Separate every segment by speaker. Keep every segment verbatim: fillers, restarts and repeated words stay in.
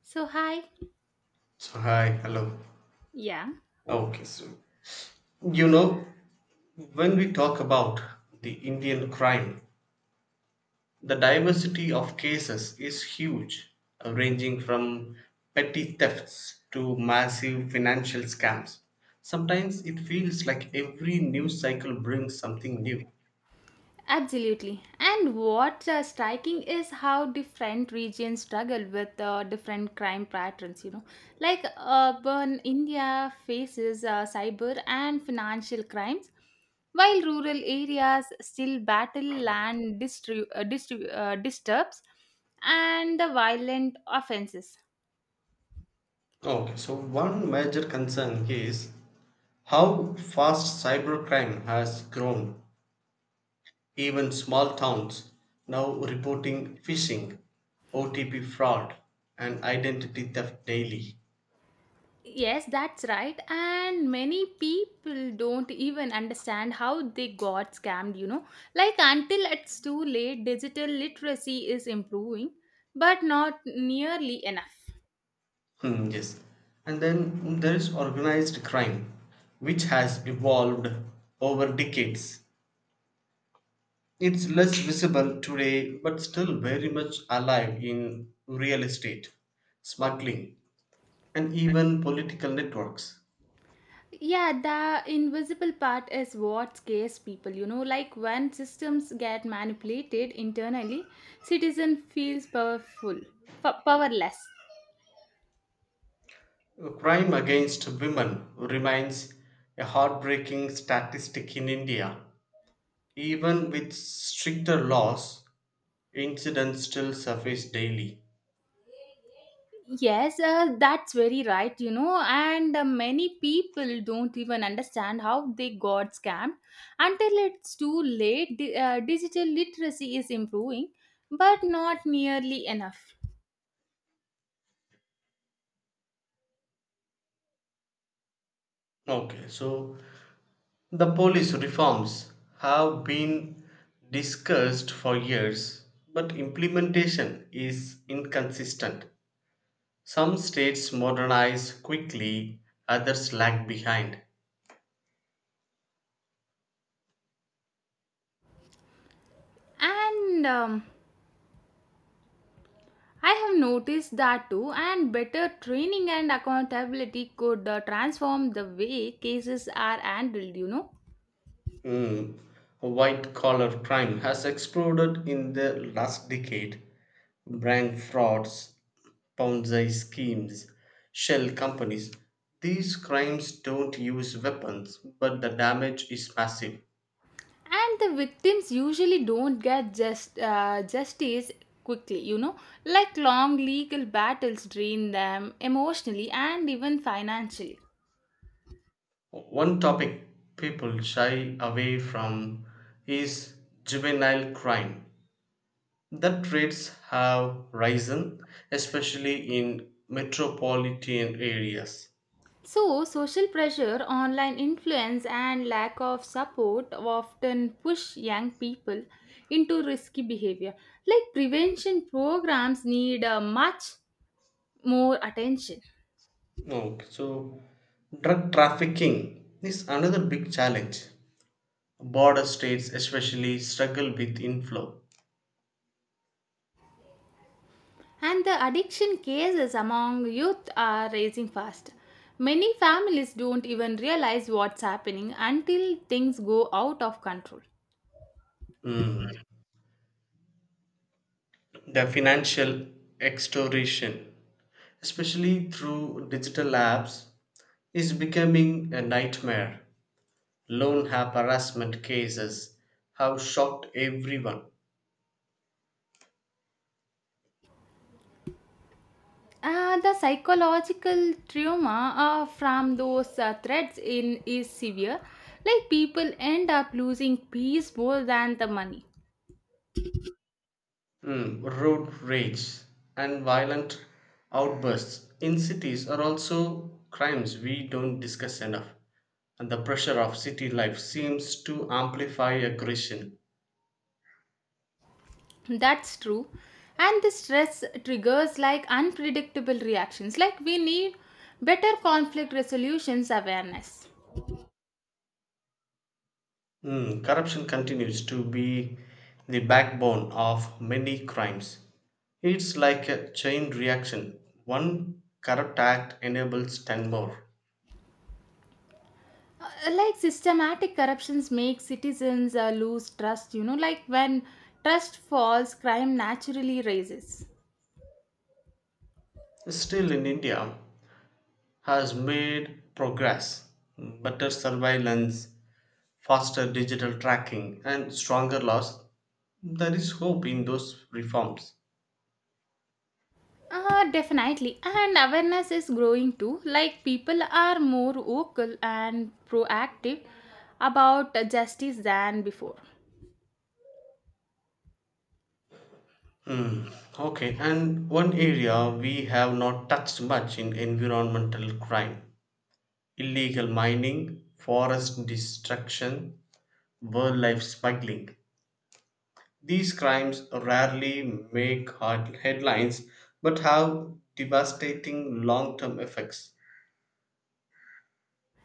Speaker 1: So, hi.
Speaker 2: So, hi, hello.
Speaker 1: Yeah,
Speaker 2: Okay, so you know, when we talk about the Indian crime, the diversity of cases is huge, uh, ranging from petty thefts to massive financial scams. Sometimes it feels like every news cycle brings something new.
Speaker 1: absolutely. And what's uh, striking is how different regions struggle with uh, different crime patterns, you know. Like urban India faces uh, cyber and financial crimes, while rural areas still battle land distru- uh, distru- uh, disturbs and the violent offenses.
Speaker 2: Okay, so one major concern is how fast cybercrime has grown. Even small towns now reporting phishing, O T P fraud and identity theft daily.
Speaker 1: Yes, that's right. And many people don't even understand how they got scammed, you know. Like until it's too late, digital literacy is improving, but not nearly enough.
Speaker 2: Hmm, yes. And then there is organized crime, which has evolved over decades. It's less visible today, but still very much alive in real estate, smuggling, and even political networks.
Speaker 1: Yeah, the invisible part is what scares people, you know. Like when systems get manipulated internally, citizen feels powerful, f- powerless.
Speaker 2: Crime against women remains a heartbreaking statistic in India. Even with stricter laws, incidents still surface daily.
Speaker 1: Yes, uh, that's very right, you know, and uh, many people don't even understand how they got scammed until it's too late. Di- uh, digital literacy is improving, but not nearly enough.
Speaker 2: Okay, so the police reforms have been discussed for years, but implementation is inconsistent. Some states modernize quickly, others lag behind.
Speaker 1: And um, I have noticed that too, and better training and accountability could uh, transform the way cases are handled, you know.
Speaker 2: mm, White collar crime has exploded in the last decade. Bank frauds, Ponzi schemes, shell companies. These crimes don't use weapons, but the damage is massive.
Speaker 1: And the victims usually don't get just uh, justice quickly, you know. Like long legal battles drain them emotionally and even financially.
Speaker 2: One topic people shy away from is juvenile crime. That rates have risen, especially in metropolitan areas.
Speaker 1: So social pressure, online influence, and lack of support often push young people into risky behavior. Like prevention programs need uh, much more attention.
Speaker 2: Okay, so drug trafficking is another big challenge. Border states especially struggle with inflow.
Speaker 1: And the addiction cases among youth are rising fast. Many families don't even realize what's happening until things go out of control.
Speaker 2: Mm. The financial extortion, especially through digital apps, is becoming a nightmare. Loan app harassment cases have shocked everyone.
Speaker 1: Uh, the psychological trauma uh, from those uh, threats in is severe. Like people end up losing peace more than the money.
Speaker 2: Mm, road rage and violent outbursts in cities are also crimes we don't discuss enough. And the pressure of city life seems to amplify aggression.
Speaker 1: That's true. And the stress triggers like unpredictable reactions. Like we need better conflict resolutions awareness.
Speaker 2: Mm, corruption continues to be the backbone of many crimes. It's like a chain reaction. One corrupt act enables ten more.
Speaker 1: Uh, like systematic corruptions make citizens uh, lose trust, you know. Like when trust falls, crime naturally rises.
Speaker 2: Still in India has made progress. Better surveillance, faster digital tracking, and stronger laws, there is hope in those reforms.
Speaker 1: Uh, definitely. And awareness is growing too, like people are more vocal and proactive about uh, justice than before.
Speaker 2: Hmm. Okay, and one area we have not touched much in environmental crime: illegal mining, forest destruction, wildlife smuggling. These crimes rarely make hard headlines but have devastating long term effects.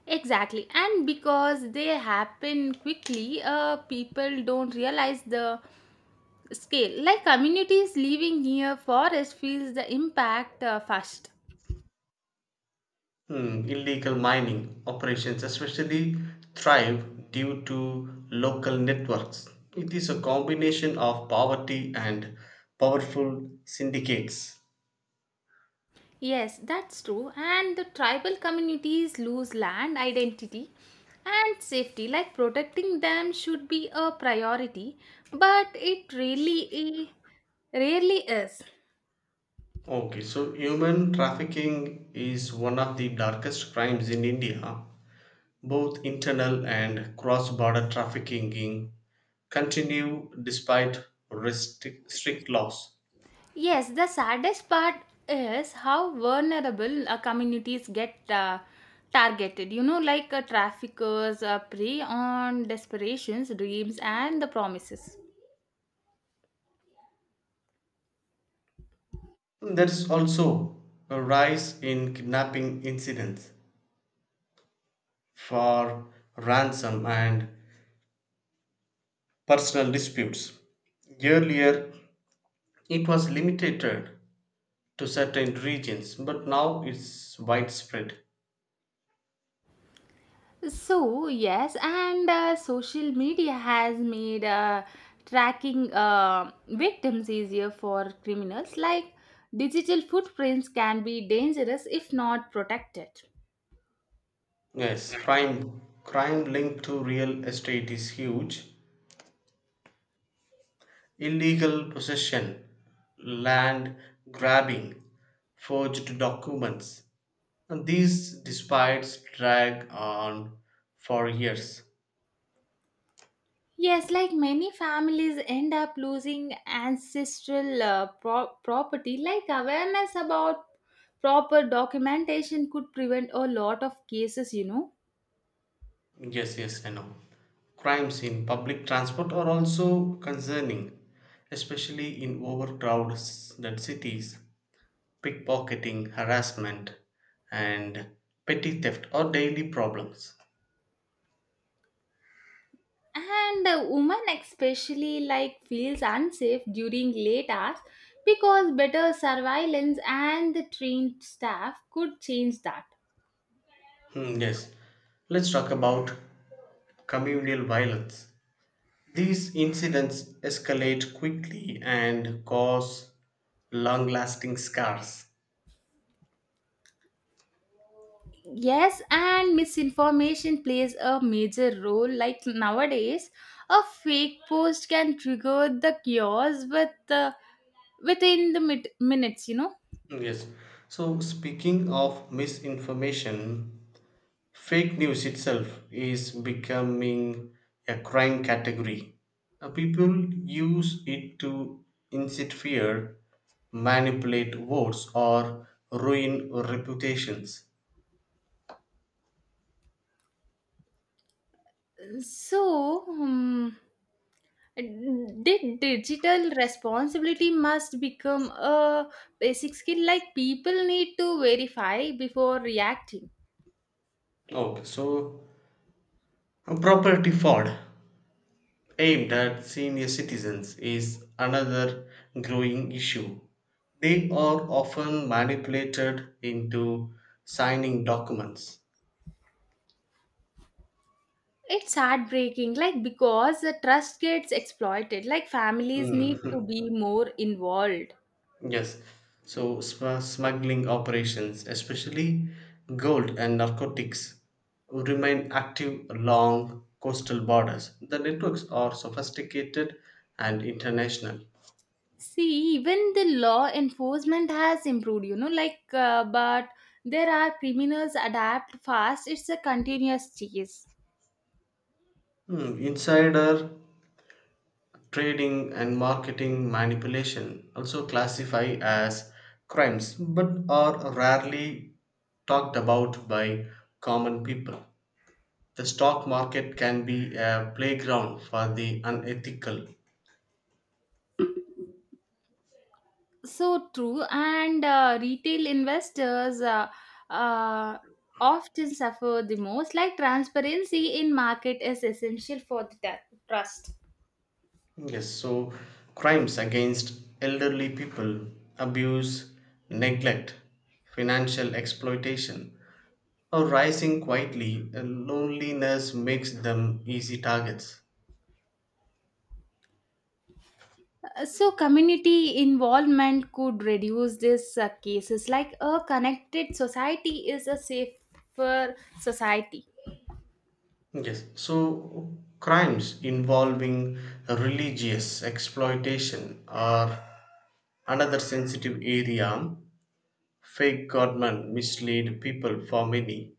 Speaker 1: Exactly. And because they happen quickly, uh, people don't realize the scale. Like communities living near forest feels the impact uh, first.
Speaker 2: Mm, illegal mining operations especially thrive due to local networks. It is a combination of poverty and powerful syndicates.
Speaker 1: Yes, that's true. And the tribal communities lose land, identity, and safety. Like protecting them should be a priority, but it really i- rarely is.
Speaker 2: Okay, so human trafficking is one of the darkest crimes in India. Both internal and cross border trafficking continue despite restrict, strict laws.
Speaker 1: Yes, the saddest part is how vulnerable uh, communities get uh, targeted. You know, like uh, traffickers uh, prey on desperations, dreams, and the promises.
Speaker 2: There is also a rise in kidnapping incidents for ransom and personal disputes. Earlier, it was limited to certain regions, but now it's widespread.
Speaker 1: So, yes, and uh, social media has made uh, tracking uh, victims easier for criminals. Like digital footprints can be dangerous if not protected.
Speaker 2: Yes, crime crime linked to real estate is huge. Illegal possession, land grabbing, forged documents. And these disputes drag on for years.
Speaker 1: Yes, like many families end up losing ancestral uh, pro- property. Like awareness about proper documentation could prevent a lot of cases, you know.
Speaker 2: Yes, yes, I know. Crimes in public transport are also concerning, especially in overcrowded cities. Pickpocketing, harassment, and petty theft are daily problems.
Speaker 1: And a woman especially like feels unsafe during late hours, because better surveillance and the trained staff could change that.
Speaker 2: Hmm, yes, let's talk about communal violence. These incidents escalate quickly and cause long lasting scars.
Speaker 1: Yes, and misinformation plays a major role. Like nowadays a fake post can trigger the chaos with the within the mid- minutes, you know.
Speaker 2: Hmm, Yes, so speaking of misinformation, fake news itself is becoming a crime category. Uh, People use it to incite fear, manipulate votes, or ruin reputations.
Speaker 1: So, hmm, did digital responsibility must become a basic skill. Like people need to verify before reacting?
Speaker 2: Okay, so uh, property fraud aimed at senior citizens is another growing issue. They are often manipulated into signing documents.
Speaker 1: It's heartbreaking, like because the trust gets exploited. Like families
Speaker 2: Mm.
Speaker 1: need to be more involved.
Speaker 2: Yes. So sm- smuggling operations, especially gold and narcotics, remain active along coastal borders. The networks are sophisticated and international.
Speaker 1: See, even the law enforcement has improved, you know, like, uh, but there are criminals adapt fast. It's a continuous chase.
Speaker 2: Hmm, Insider trading and marketing manipulation also classify as crimes, but are rarely talked about by common people. The stock market can be a playground for the unethical.
Speaker 1: So true. And uh, retail investors uh, uh, often suffer the most. Like transparency in market is essential for the tru- trust.
Speaker 2: Yes, so crimes against elderly people, abuse, neglect, financial exploitation are rising quietly, and loneliness makes them easy targets.
Speaker 1: Uh, So community involvement could reduce these uh, cases. Like a connected society is a safer society.
Speaker 2: Yes, so crimes involving religious exploitation are another sensitive area. Fake government mislead people for many.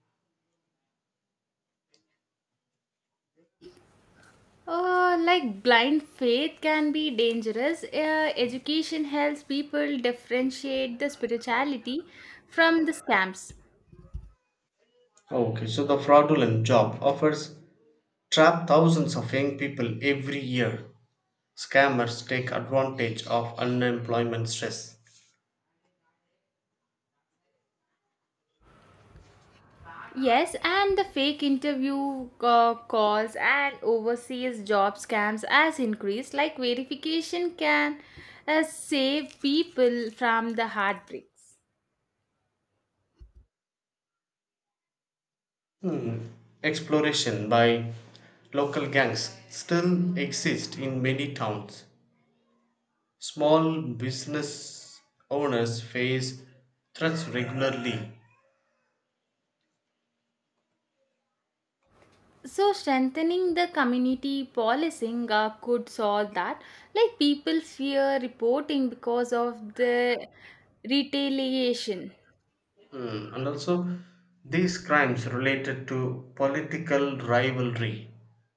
Speaker 1: Uh, like blind faith can be dangerous. Uh, education helps people differentiate the spirituality from the scams.
Speaker 2: Okay, so the fraudulent job offers trap thousands of young people every year. Scammers take advantage of unemployment stress.
Speaker 1: Yes, and the fake interview uh, calls and overseas job scams has increased. Like verification can uh, save people from the heartbreaks.
Speaker 2: Hmm. Exploration by local gangs still exist in many towns. Small business owners face threats regularly.
Speaker 1: So strengthening the community policing uh, could solve that. Like people fear reporting because of the retaliation.
Speaker 2: Hmm. And also, these crimes related to political rivalry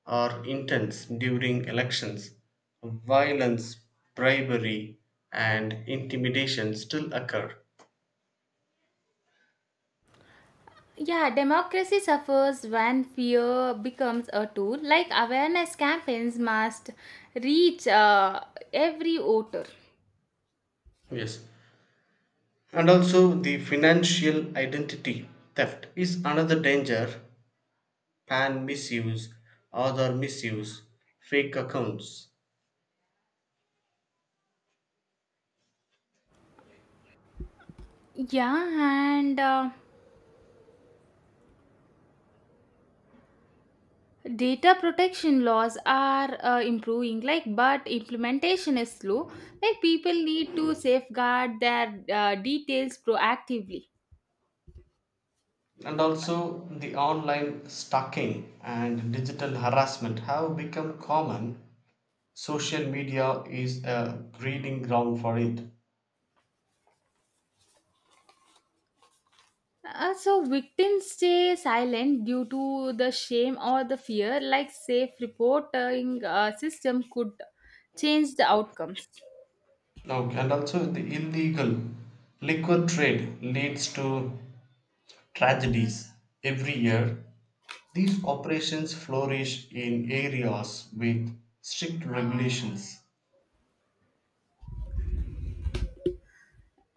Speaker 2: are intense during elections. Violence, bribery, and intimidation still occur.
Speaker 1: Yeah, democracy suffers when fear becomes a tool. Like awareness campaigns must reach uh, every voter.
Speaker 2: Yes. And also, the financial identity theft is another danger. Pan misuse, other misuse, fake accounts.
Speaker 1: Yeah, and uh, data protection laws are uh, improving. Like, but implementation is slow. Like people need to safeguard their uh, details proactively.
Speaker 2: And also, the online stalking and digital harassment have become common. Social media is a breeding ground for it.
Speaker 1: Uh, so victims stay silent due to the shame or the fear. Like safe reporting uh, system could change the outcomes.
Speaker 2: Now, and also, the illegal liquor trade leads to tragedies every year. These operations flourish in areas with strict regulations.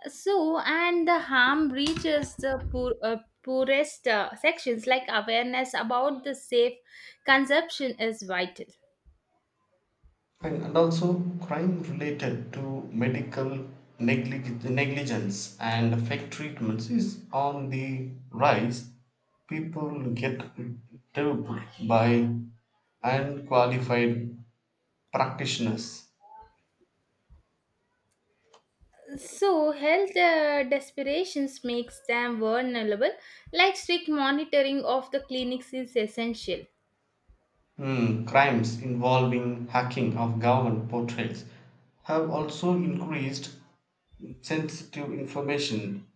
Speaker 1: So and the harm reaches the poor, uh, poorest uh, sections. Like awareness about the safe consumption is vital.
Speaker 2: And, and also crime related to medical neglig- negligence and fake treatments is on the rise. People get duped by unqualified practitioners.
Speaker 1: So health uh, desperations makes them vulnerable. Like strict monitoring of the clinics is essential.
Speaker 2: Hmm, crimes involving hacking of government portals have also increased. Sensitive information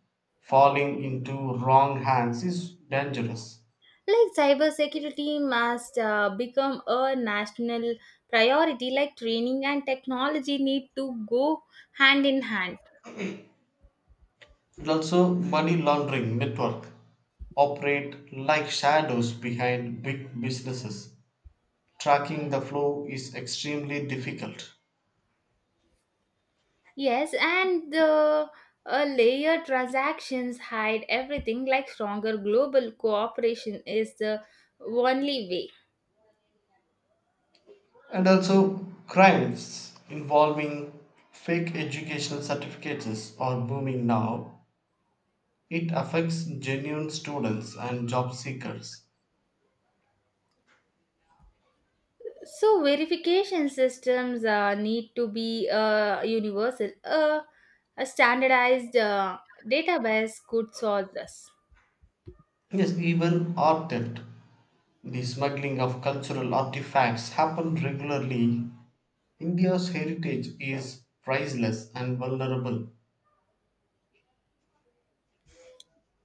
Speaker 2: falling into wrong hands is dangerous.
Speaker 1: Like cybersecurity must uh, become a national priority. Like training and technology need to go hand in hand.
Speaker 2: And also, money laundering network operate like shadows behind big businesses. Tracking the flow is extremely difficult.
Speaker 1: Yes, and the uh, layer transactions hide everything. Like stronger global cooperation is the only way.
Speaker 2: And also, crimes involving fake educational certificates are booming now. It affects genuine students and job seekers.
Speaker 1: So verification systems uh, need to be uh, universal. Uh, a standardized uh, database could solve this.
Speaker 2: Yes, even art theft. The smuggling of cultural artifacts happened regularly. India's heritage is priceless and vulnerable.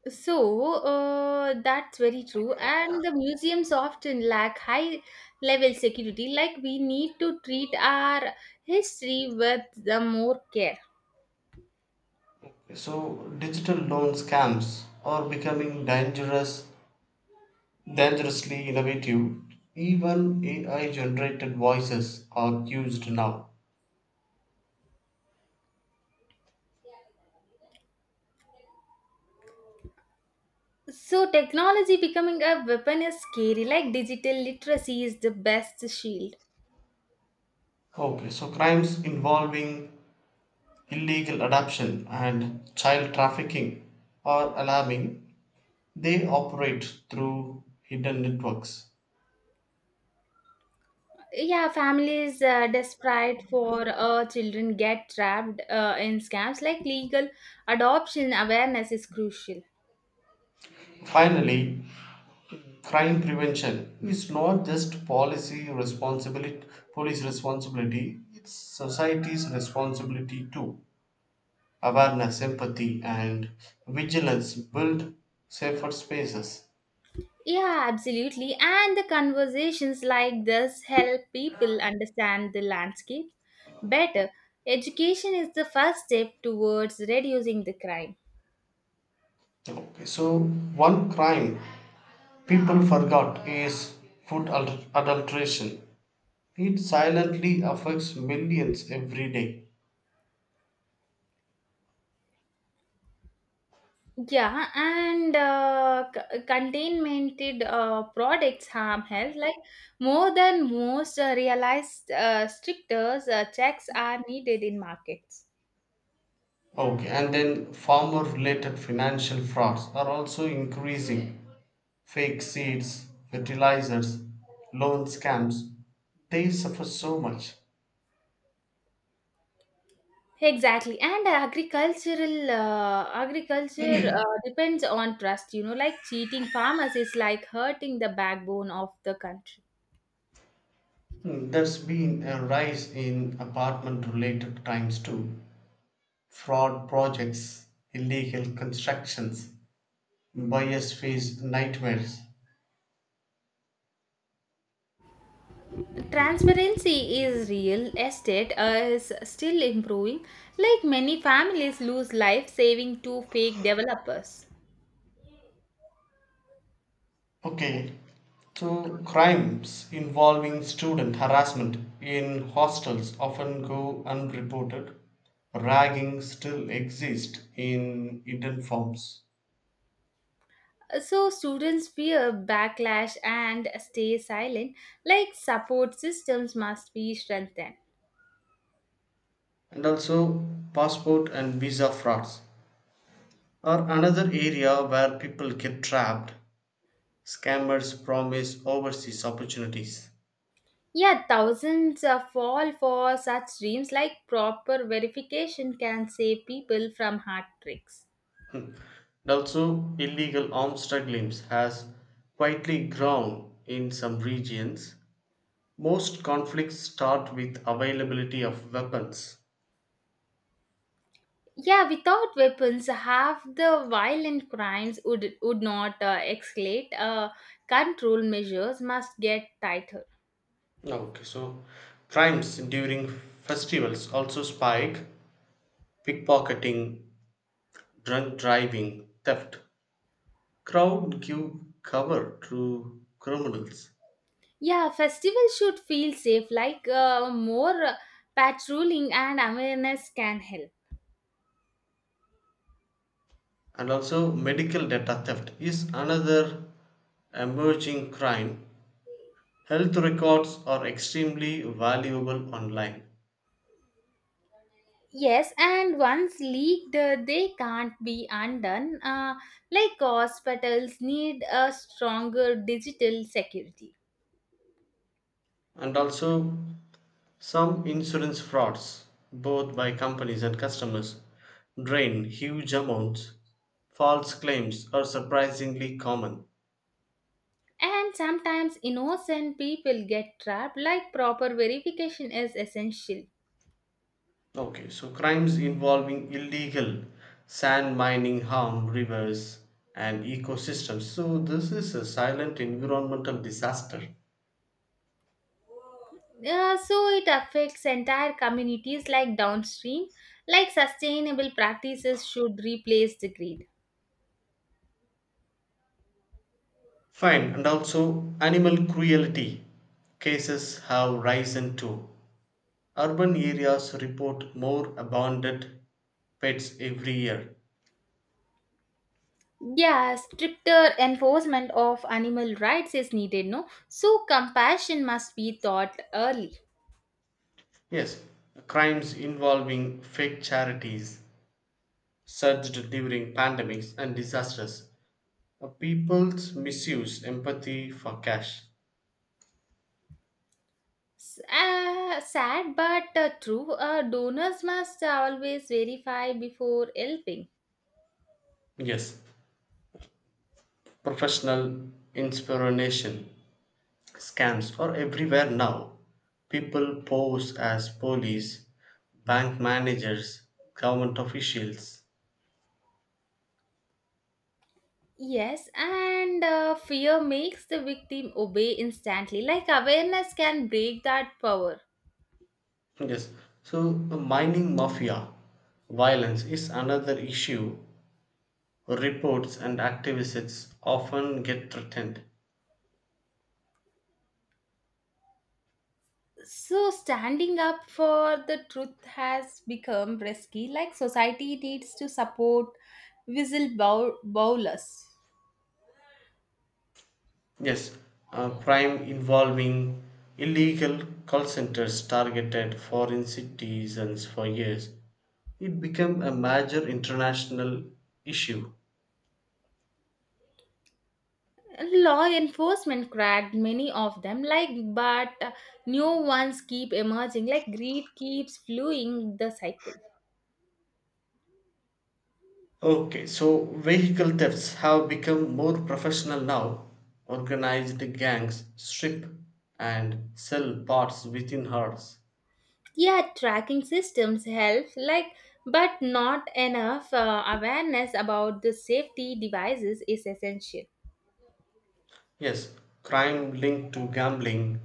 Speaker 1: So uh, that's very true, and the museums often lack high level security. Like we need to treat our history with the more care.
Speaker 2: So digital loan scams are becoming dangerous, dangerously innovative. Even A I generated voices are used now.
Speaker 1: So technology becoming a weapon is scary. Like digital literacy is the best shield.
Speaker 2: Okay, so crimes involving illegal adoption and child trafficking are alarming. They operate through hidden networks.
Speaker 1: Yeah, families uh, desperate for uh, children get trapped uh, in scams. Like legal adoption awareness is crucial.
Speaker 2: Finally, crime prevention is not just policy responsibility, police responsibility. It's society's responsibility too. Awareness, empathy, and vigilance build safer spaces.
Speaker 1: Yeah, absolutely. And the conversations like this help people understand the landscape better. Education is the first step towards reducing the crime.
Speaker 2: Okay, so one crime people forgot is food adul- adulteration. It silently affects millions every day.
Speaker 1: Yeah, and uh, c- containmented uh, products harm health like more than most uh, realized. Uh, stricter uh, checks are needed in markets.
Speaker 2: Okay, and then farmer related financial frauds are also increasing. Fake seeds, fertilizers, loan scams, they suffer so much.
Speaker 1: Exactly, and agricultural uh, agriculture uh, depends on trust. You know, like cheating farmers is like hurting the backbone of the country.
Speaker 2: Mm, There's been a rise in apartment related crimes too. Fraud projects, illegal constructions, buyers face nightmares.
Speaker 1: Transparency is real. Estate uh, is still improving. Like many families lose life saving to fake developers.
Speaker 2: Okay, so crimes involving student harassment in hostels often go unreported. Ragging still exists in hidden forms.
Speaker 1: So students fear backlash and stay silent. Like support systems must be strengthened.
Speaker 2: And also passport and visa frauds are another area where people get trapped. Scammers promise overseas opportunities.
Speaker 1: Yeah, thousands uh, fall for such dreams. Like proper verification can save people from heartbreaks.
Speaker 2: And also illegal arms smuggling has quietly grown in some regions. Most conflicts start with availability of weapons.
Speaker 1: Yeah, without weapons, half the violent crimes would, would not uh, escalate. Uh, control measures must get tighter.
Speaker 2: Okay, so crimes during festivals also spike. Pickpocketing, drunk driving, theft, crowd give cover to criminals.
Speaker 1: Yeah, festivals should feel safe, like uh, more uh, patrolling and awareness can help.
Speaker 2: And also medical data theft is another emerging crime. Health records are extremely valuable online.
Speaker 1: Yes, and once leaked, uh, they can't be undone. Uh, like hospitals need a stronger digital security.
Speaker 2: And also some insurance frauds, both by companies and customers, drain huge amounts. False claims are surprisingly common.
Speaker 1: And sometimes innocent people get trapped. Like proper verification is essential.
Speaker 2: Okay, so crimes involving illegal sand mining harm rivers and ecosystems. So this is a silent environmental disaster.
Speaker 1: Uh, so it affects entire communities like downstream. Like sustainable practices should replace the greed.
Speaker 2: Fine, and also animal cruelty cases have risen too. Urban areas report more abandoned pets every year.
Speaker 1: Yeah, stricter enforcement of animal rights is needed, no? So compassion must be taught early.
Speaker 2: Yes, crimes involving fake charities surged during pandemics and disasters. Uh, People's misuse empathy for cash.
Speaker 1: S- Uh, sad but uh, true. Uh, donors must always verify before helping.
Speaker 2: Yes, professional inspiration scams are everywhere now. People pose as police, bank managers, government officials.
Speaker 1: Yes, and uh, fear makes the victim obey instantly. Like awareness can break that power.
Speaker 2: Yes, so the mining mafia violence is another issue. Reports and activists often get threatened.
Speaker 1: So, standing up for the truth has become risky. Like society needs to support whistle bow bowlers.
Speaker 2: Yes, uh, crime involving illegal call centers targeted foreign citizens for years. It became a major international issue.
Speaker 1: Law enforcement cracked many of them, like but uh, new ones keep emerging. Like greed keeps fueling the cycle.
Speaker 2: Okay, so vehicle thefts have become more professional now. Organized gangs strip and sell parts within hours.
Speaker 1: Yeah, tracking systems help like but not enough uh, awareness about the safety devices is essential.
Speaker 2: Yes, crime linked to gambling,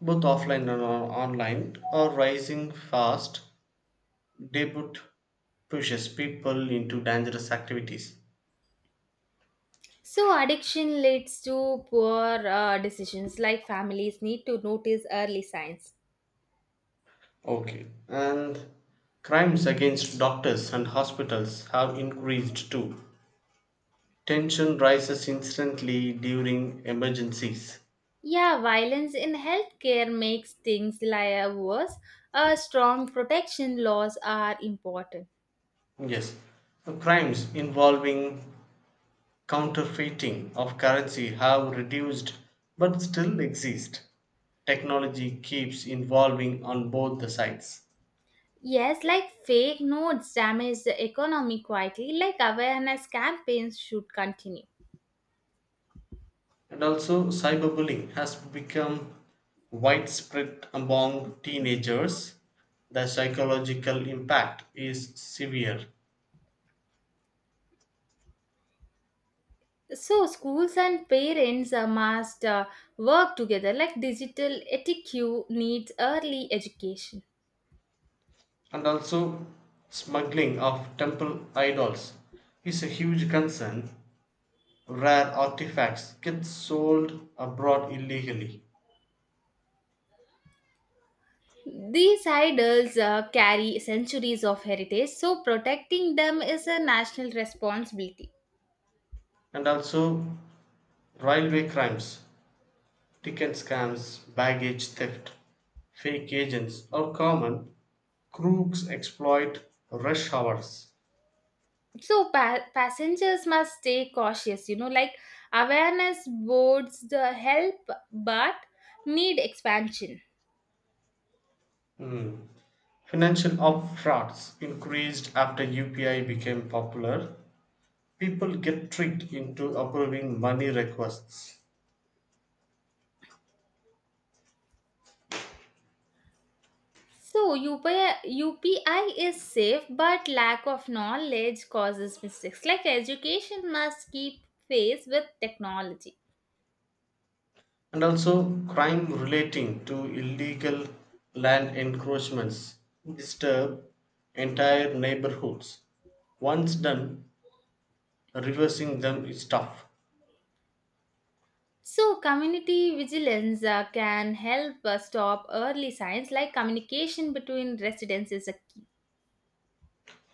Speaker 2: both offline and on- online, are rising fast. Debut pushes people into dangerous activities.
Speaker 1: So addiction leads to poor uh, decisions. Like families need to notice early signs.
Speaker 2: Okay, and crimes against doctors and hospitals have increased too. Tension rises instantly during emergencies.
Speaker 1: Yeah, violence in healthcare makes things like worse. Uh, strong protection laws are important.
Speaker 2: Yes, crimes involving counterfeiting of currency have reduced but still exist. Technology keeps evolving on both the sides.
Speaker 1: Yes, like fake notes damage the economy quietly. Like awareness campaigns should continue.
Speaker 2: And also, cyberbullying has become widespread among teenagers. The psychological impact is severe.
Speaker 1: So, schools and parents uh, must uh, work together. Like digital etiquette needs early education.
Speaker 2: And also smuggling of temple idols is a huge concern. Rare artifacts get sold abroad illegally.
Speaker 1: These idols uh, carry centuries of heritage, so protecting them is a national responsibility.
Speaker 2: And also railway crimes, ticket scams, baggage theft, fake agents are common. Crooks exploit rush hours.
Speaker 1: So pa- passengers must stay cautious, you know. Like awareness boards the help but need expansion.
Speaker 2: Financial up frauds increased after U P I became popular. People get tricked into approving money requests.
Speaker 1: So U P I, U P I is safe, but lack of knowledge causes mistakes. Like education must keep pace with technology.
Speaker 2: And also crime relating to illegal land encroachments disturb entire neighborhoods. Once done, reversing them is tough.
Speaker 1: So, community vigilance uh, can help uh, stop early signs. Like communication between residents is a key.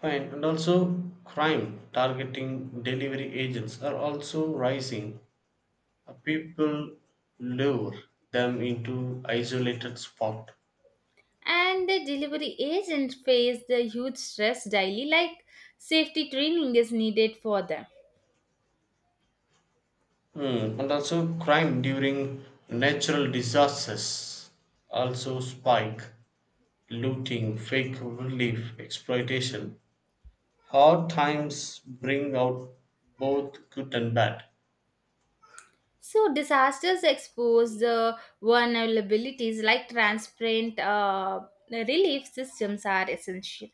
Speaker 2: Fine. And also crime targeting delivery agents are also rising. Uh, people lure them into isolated spot.
Speaker 1: And the delivery agents face the huge stress daily. Like safety training is needed for them.
Speaker 2: Hmm, and also crime during natural disasters also spike, looting, fake relief, exploitation. Hard times bring out both good and bad.
Speaker 1: So, disasters expose the vulnerabilities like transparent uh, relief systems are essential.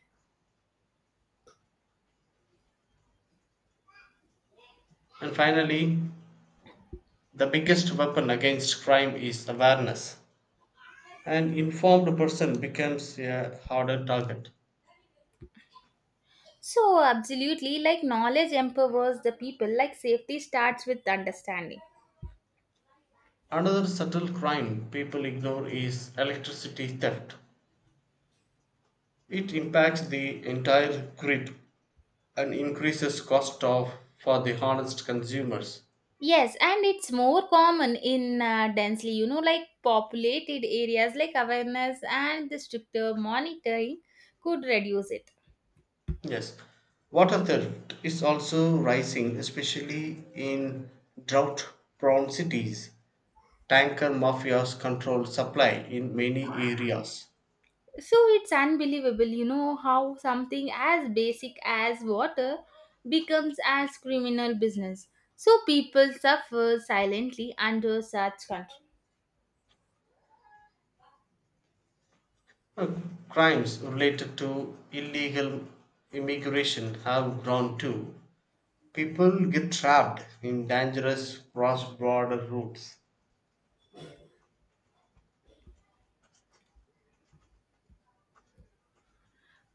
Speaker 2: And finally, the biggest weapon against crime is awareness. An informed person becomes a harder target.
Speaker 1: So, absolutely. Like knowledge empowers the people. Like safety starts with understanding.
Speaker 2: Another subtle crime people ignore is electricity theft. It impacts the entire grid and increases cost of for the honest consumers.
Speaker 1: Yes, and it's more common in uh, densely, you know, like populated areas. Like awareness and the stricter monitoring could reduce it.
Speaker 2: Yes, water theft is also rising, especially in drought prone cities. Tanker mafias control supply in many areas.
Speaker 1: So it's unbelievable, you know, how something as basic as water becomes as criminal business. So people suffer silently under such control.
Speaker 2: Uh, Crimes related to illegal immigration have grown too. People get trapped in dangerous cross border routes.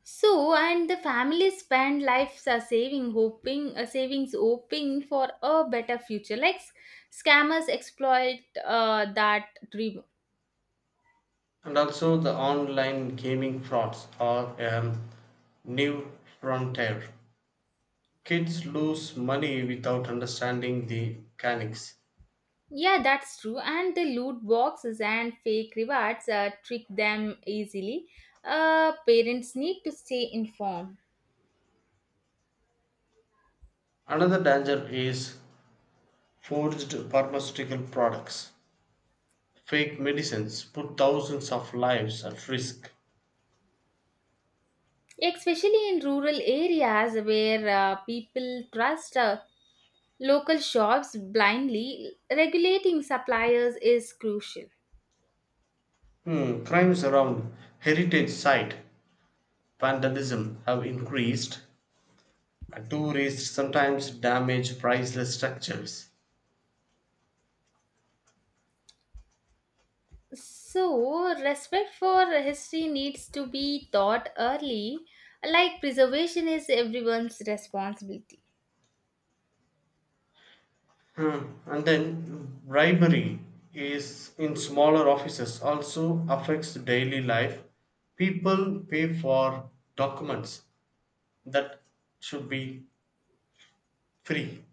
Speaker 1: So, and the family spend lives are saving, hoping, uh, savings, hoping for a better future. Like s- scammers exploit uh, that dream.
Speaker 2: And also, the online gaming frauds are a new frontier. Kids lose money without understanding the mechanics.
Speaker 1: Yeah, that's true. And the loot boxes and fake rewards uh, trick them easily. Uh, parents need to stay informed,
Speaker 2: Another danger is forged pharmaceutical products. Fake medicines put thousands of lives at risk.
Speaker 1: especially in rural areas where uh, people trust uh, local shops blindly. Regulating suppliers is crucial.
Speaker 2: Hmm, crimes around heritage site vandalism have increased. Tourists sometimes damage priceless structures.
Speaker 1: So, respect for history needs to be taught early. Like preservation is everyone's responsibility.
Speaker 2: Mm, And then bribery is in smaller offices also affects daily life. People pay for documents that should be free.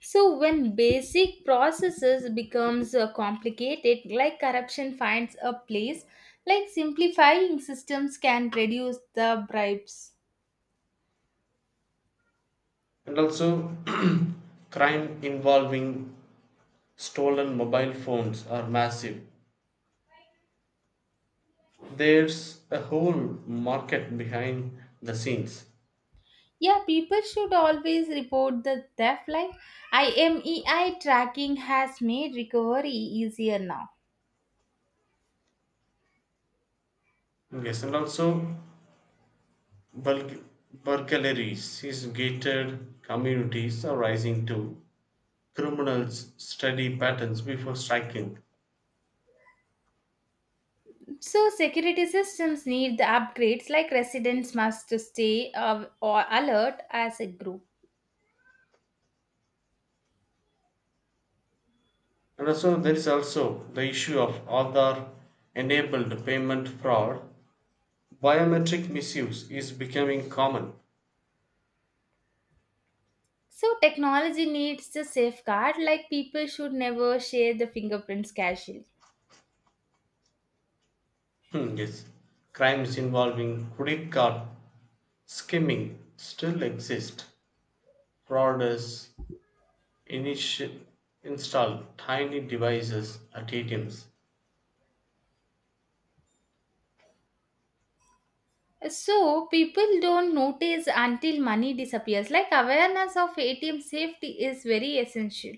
Speaker 1: So, when basic processes becomes uh, complicated, like corruption finds a place. Like simplifying systems can reduce the bribes.
Speaker 2: And also, crime involving stolen mobile phones are massive. There's a whole market behind the scenes.
Speaker 1: Yeah, people should always report the theft. Like I M E I tracking has made recovery easier now.
Speaker 2: Yes, and also burg- burglaries, is gated communities are rising too. Criminals study patterns before striking.
Speaker 1: So, security systems need the upgrades. Like residents must to stay uh, or alert as a group.
Speaker 2: And also, there is also the issue of Aadhaar enabled payment fraud. Biometric misuse is becoming common.
Speaker 1: So, technology needs the safeguard. Like people should never share the fingerprints casually.
Speaker 2: Hmm, yes, crimes involving credit card skimming still exist. Fraudsters initi- install tiny devices at A T Ms.
Speaker 1: So, people don't notice until money disappears. Like awareness of A T M safety is very essential.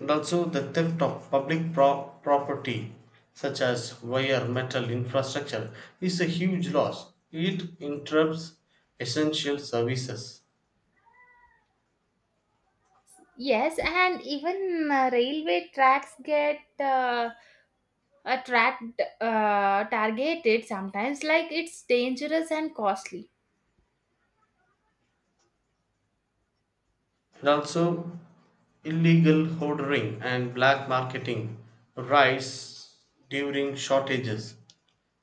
Speaker 2: And also the theft of public pro- property such as wire metal infrastructure is a huge loss. It interrupts essential services.
Speaker 1: Yes, and even uh, railway tracks get uh, attract uh, targeted sometimes, like it's dangerous and costly.
Speaker 2: And also illegal hoarding and black marketing rise during shortages.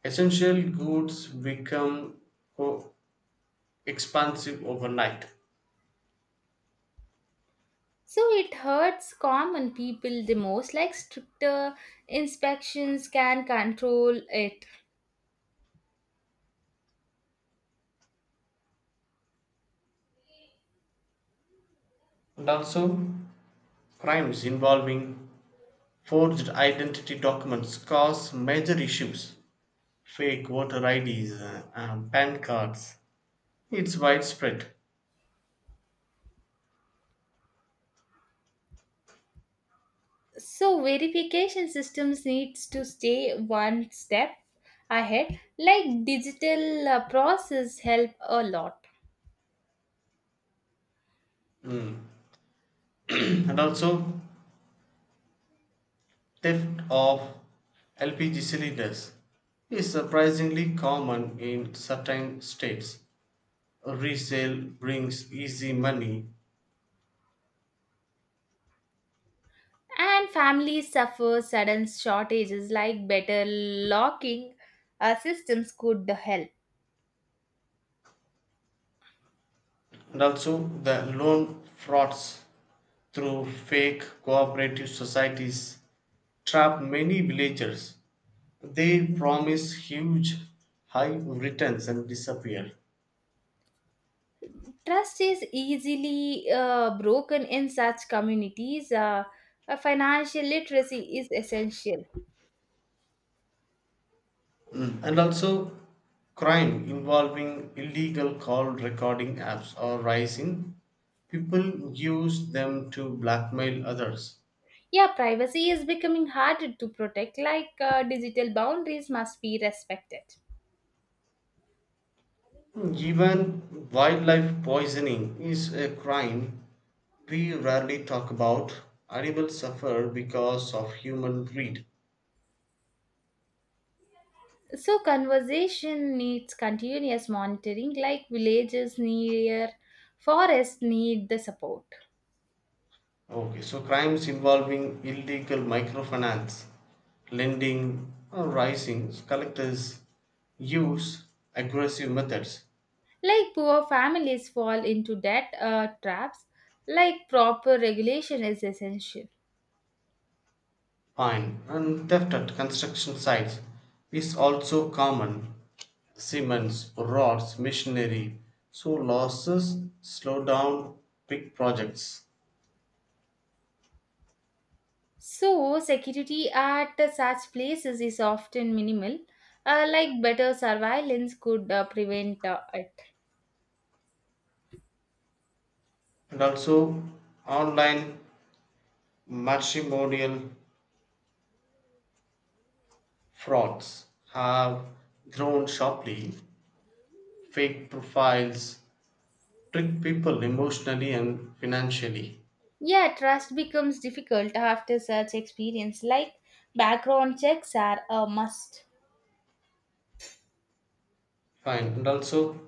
Speaker 2: Essential goods become co- expansive overnight.
Speaker 1: So it hurts common people the most. Like stricter inspections can control it.
Speaker 2: And also crimes involving forged identity documents cause major issues. Fake voter I Ds, uh, um, PAN cards. It's widespread.
Speaker 1: So verification systems needs to stay one step ahead. Like digital uh, process help a lot.
Speaker 2: And also, theft of L P G cylinders is surprisingly common in certain states. Resale brings easy money.
Speaker 1: And families suffer sudden shortages. Like better locking uh, systems could help.
Speaker 2: And also the loan frauds through fake cooperative societies trap many villagers. They promise huge high returns and disappear.
Speaker 1: Trust is easily uh, broken in such communities. Uh, uh, financial literacy is essential.
Speaker 2: And also crime involving illegal call recording apps are rising. People use them to blackmail others.
Speaker 1: Yeah, privacy is becoming harder to protect. Like uh, digital boundaries must be respected.
Speaker 2: Even wildlife poisoning is a crime we rarely talk about. Animals suffer because of human greed.
Speaker 1: So, conservation needs continuous monitoring. Like villages near forests need the support.
Speaker 2: Okay, so crimes involving illegal microfinance lending are rising. Collectors use aggressive methods.
Speaker 1: Like poor families fall into debt uh, traps. Like proper regulation is essential.
Speaker 2: Fine, and theft at construction sites is also common. Cements, rods, machinery. So losses slow down big projects.
Speaker 1: So, security at such places is often minimal, uh, like better surveillance could uh, prevent uh, it.
Speaker 2: And also online matrimonial frauds have grown sharply. Fake profiles trick people emotionally and financially.
Speaker 1: Yeah, trust becomes difficult after such experience. Like background checks are a must.
Speaker 2: Fine. And also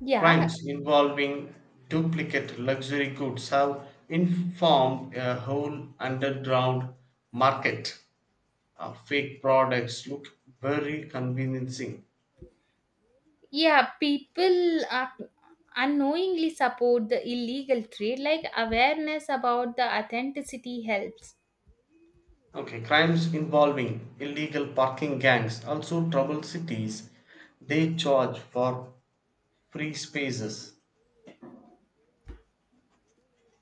Speaker 1: Yeah,
Speaker 2: crimes involving duplicate luxury goods have informed a whole underground market. Uh, fake products look very convincing.
Speaker 1: yeah, people are unknowingly support the illegal trade. Like awareness about the authenticity helps.
Speaker 2: Okay, crimes involving illegal parking gangs also trouble cities. They charge for free spaces.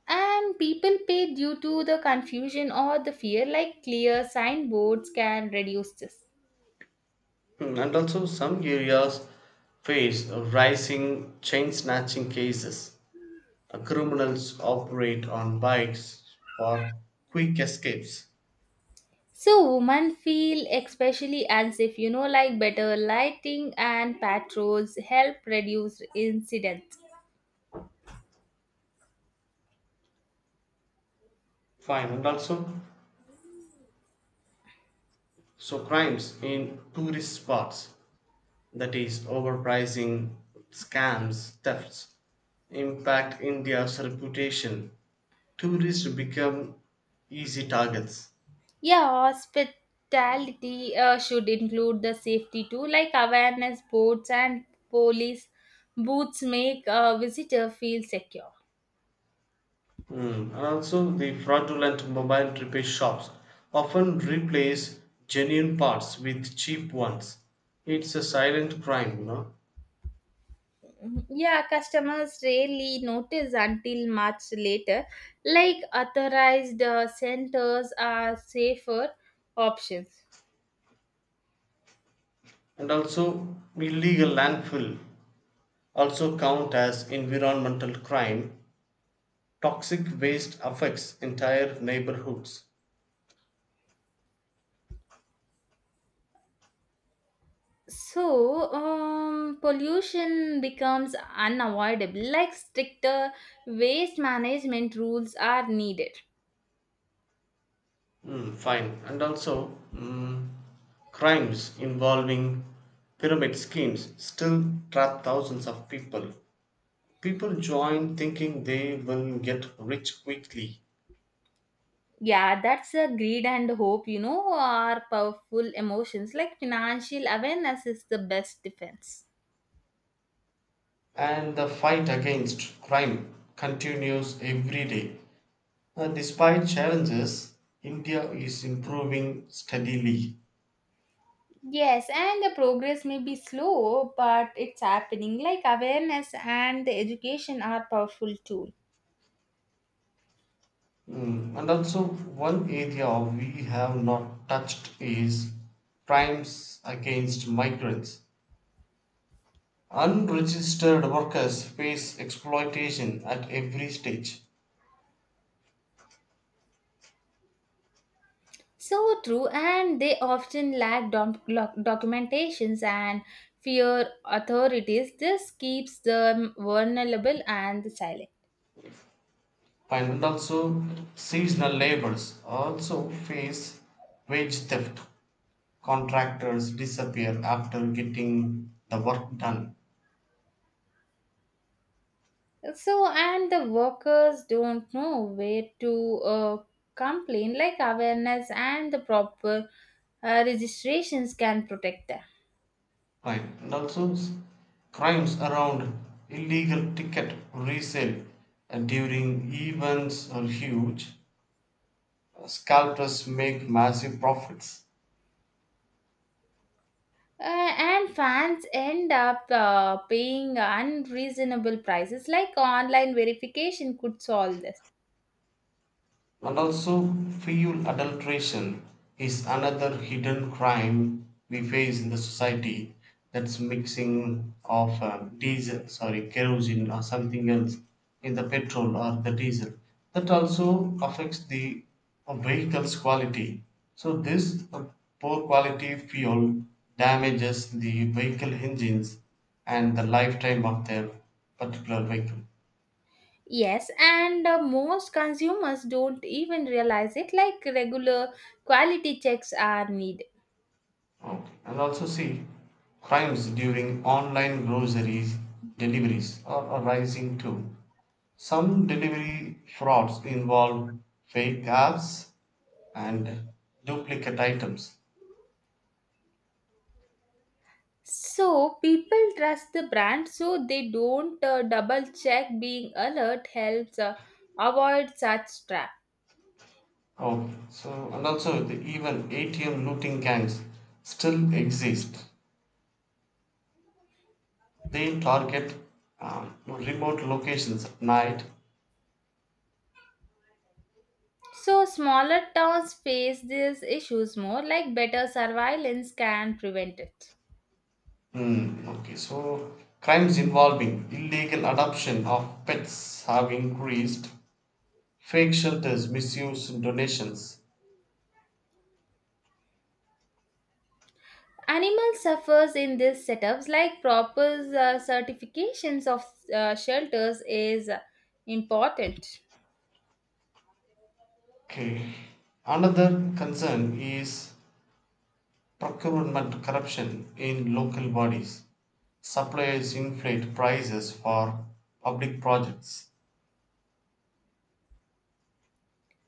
Speaker 1: And people pay due to the confusion or the fear. Like clear signboards can reduce this.
Speaker 2: Hmm, And also, some areas face rising chain snatching cases. Uh, Criminals operate on bikes for quick escapes.
Speaker 1: So women feel especially unsafe, you know. Like better lighting and patrols help reduce incidents.
Speaker 2: Fine, and also so crimes in tourist spots, that is, overpricing, scams, thefts impact India's reputation. Tourists become easy targets.
Speaker 1: Yeah, hospitality uh, should include the safety too. Like awareness boards and police booths make a visitor feel secure.
Speaker 2: Mm, And also, the fraudulent mobile repair shops often replace genuine parts with cheap ones. It's a silent crime, you know.
Speaker 1: Mhm. Yeah, customers rarely notice until much later. Like authorized uh, centers are safer options.
Speaker 2: And also illegal landfill also count as environmental crime. Toxic waste affects entire neighborhoods.
Speaker 1: So, um, pollution becomes unavoidable. Like stricter waste management rules are needed.
Speaker 2: Mm, fine. And also mm, crimes involving pyramid schemes still trap thousands of people. People join thinking they will get rich quickly.
Speaker 1: Yeah, that's a greed and hope, you know, are powerful emotions. Like financial awareness is the best defense.
Speaker 2: And the fight against crime continues every day. Uh, despite challenges, India is improving steadily.
Speaker 1: Yes, and the progress may be slow, but it's happening. Like awareness and the education are powerful tool.
Speaker 2: Mm, And also, one area we have not touched is crimes against migrants. Unregistered workers face exploitation at every stage.
Speaker 1: So true, and they often lack doc- doc- documentations and fear authorities. This keeps them vulnerable and silent.
Speaker 2: And also seasonal laborers also face wage theft. Contractors disappear after getting the work done.
Speaker 1: So, and the workers don't know where to uh, complain. Like awareness and the proper uh, registrations can protect them.
Speaker 2: Right. And also s- crimes around illegal ticket resale uh, during events are huge. Scalpers make massive profits.
Speaker 1: Uh, and fans end up uh, paying unreasonable prices. Like online verification could solve this.
Speaker 2: And also, fuel adulteration is another hidden crime we face in the society. That's mixing of uh, diesel, sorry, kerosene or something else in the petrol or the diesel. That also affects the uh, vehicle's quality. So this uh, poor quality fuel damages the vehicle engines and the lifetime of their particular vehicle.
Speaker 1: Yes, and uh, most consumers don't even realize it. Like regular quality checks are needed.
Speaker 2: Okay. And also see, crimes during online groceries deliveries are are rising too. Some delivery frauds involve fake apps and duplicate items.
Speaker 1: So people trust the brand, so they don't uh, double check. Being alert helps uh, avoid such trap.
Speaker 2: Okay. So and also the even A T M looting gangs still exist. They target um, remote locations at night.
Speaker 1: So smaller towns face these issues more. Like better surveillance can prevent it.
Speaker 2: Hmm. Okay. So crimes involving illegal adoption of pets have increased. Fake shelters misuse donations.
Speaker 1: Animal suffers in these setups. Like proper uh, certifications of uh, shelters is uh, important.
Speaker 2: Okay. Another concern is procurement corruption in local bodies. Suppliers inflate prices for public projects.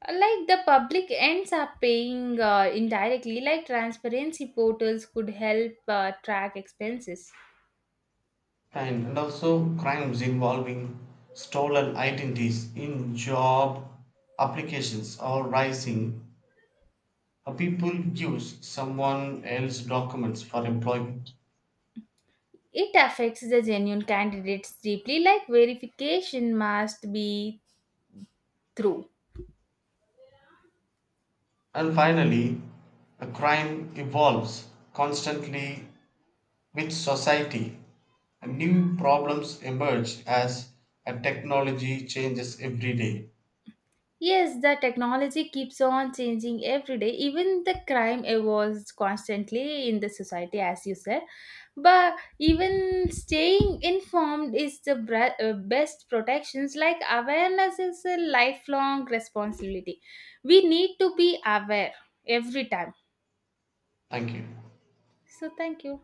Speaker 1: Like the public ends up paying uh, indirectly. Like transparency portals could help uh, track expenses.
Speaker 2: And, and also crimes involving stolen identities in job applications are rising. Uh, People use someone else's documents for employment.
Speaker 1: It affects the genuine candidates deeply. Like verification must be through.
Speaker 2: And finally, a crime evolves constantly. With society, new problems emerge as a technology changes every day.
Speaker 1: Yes, the technology keeps on changing every day. Even the crime evolves constantly in the society, as you said. But even staying informed is the bra- uh, best protections. Like awareness is a lifelong responsibility. We need to be aware every time.
Speaker 2: Thank you.
Speaker 1: So, thank you.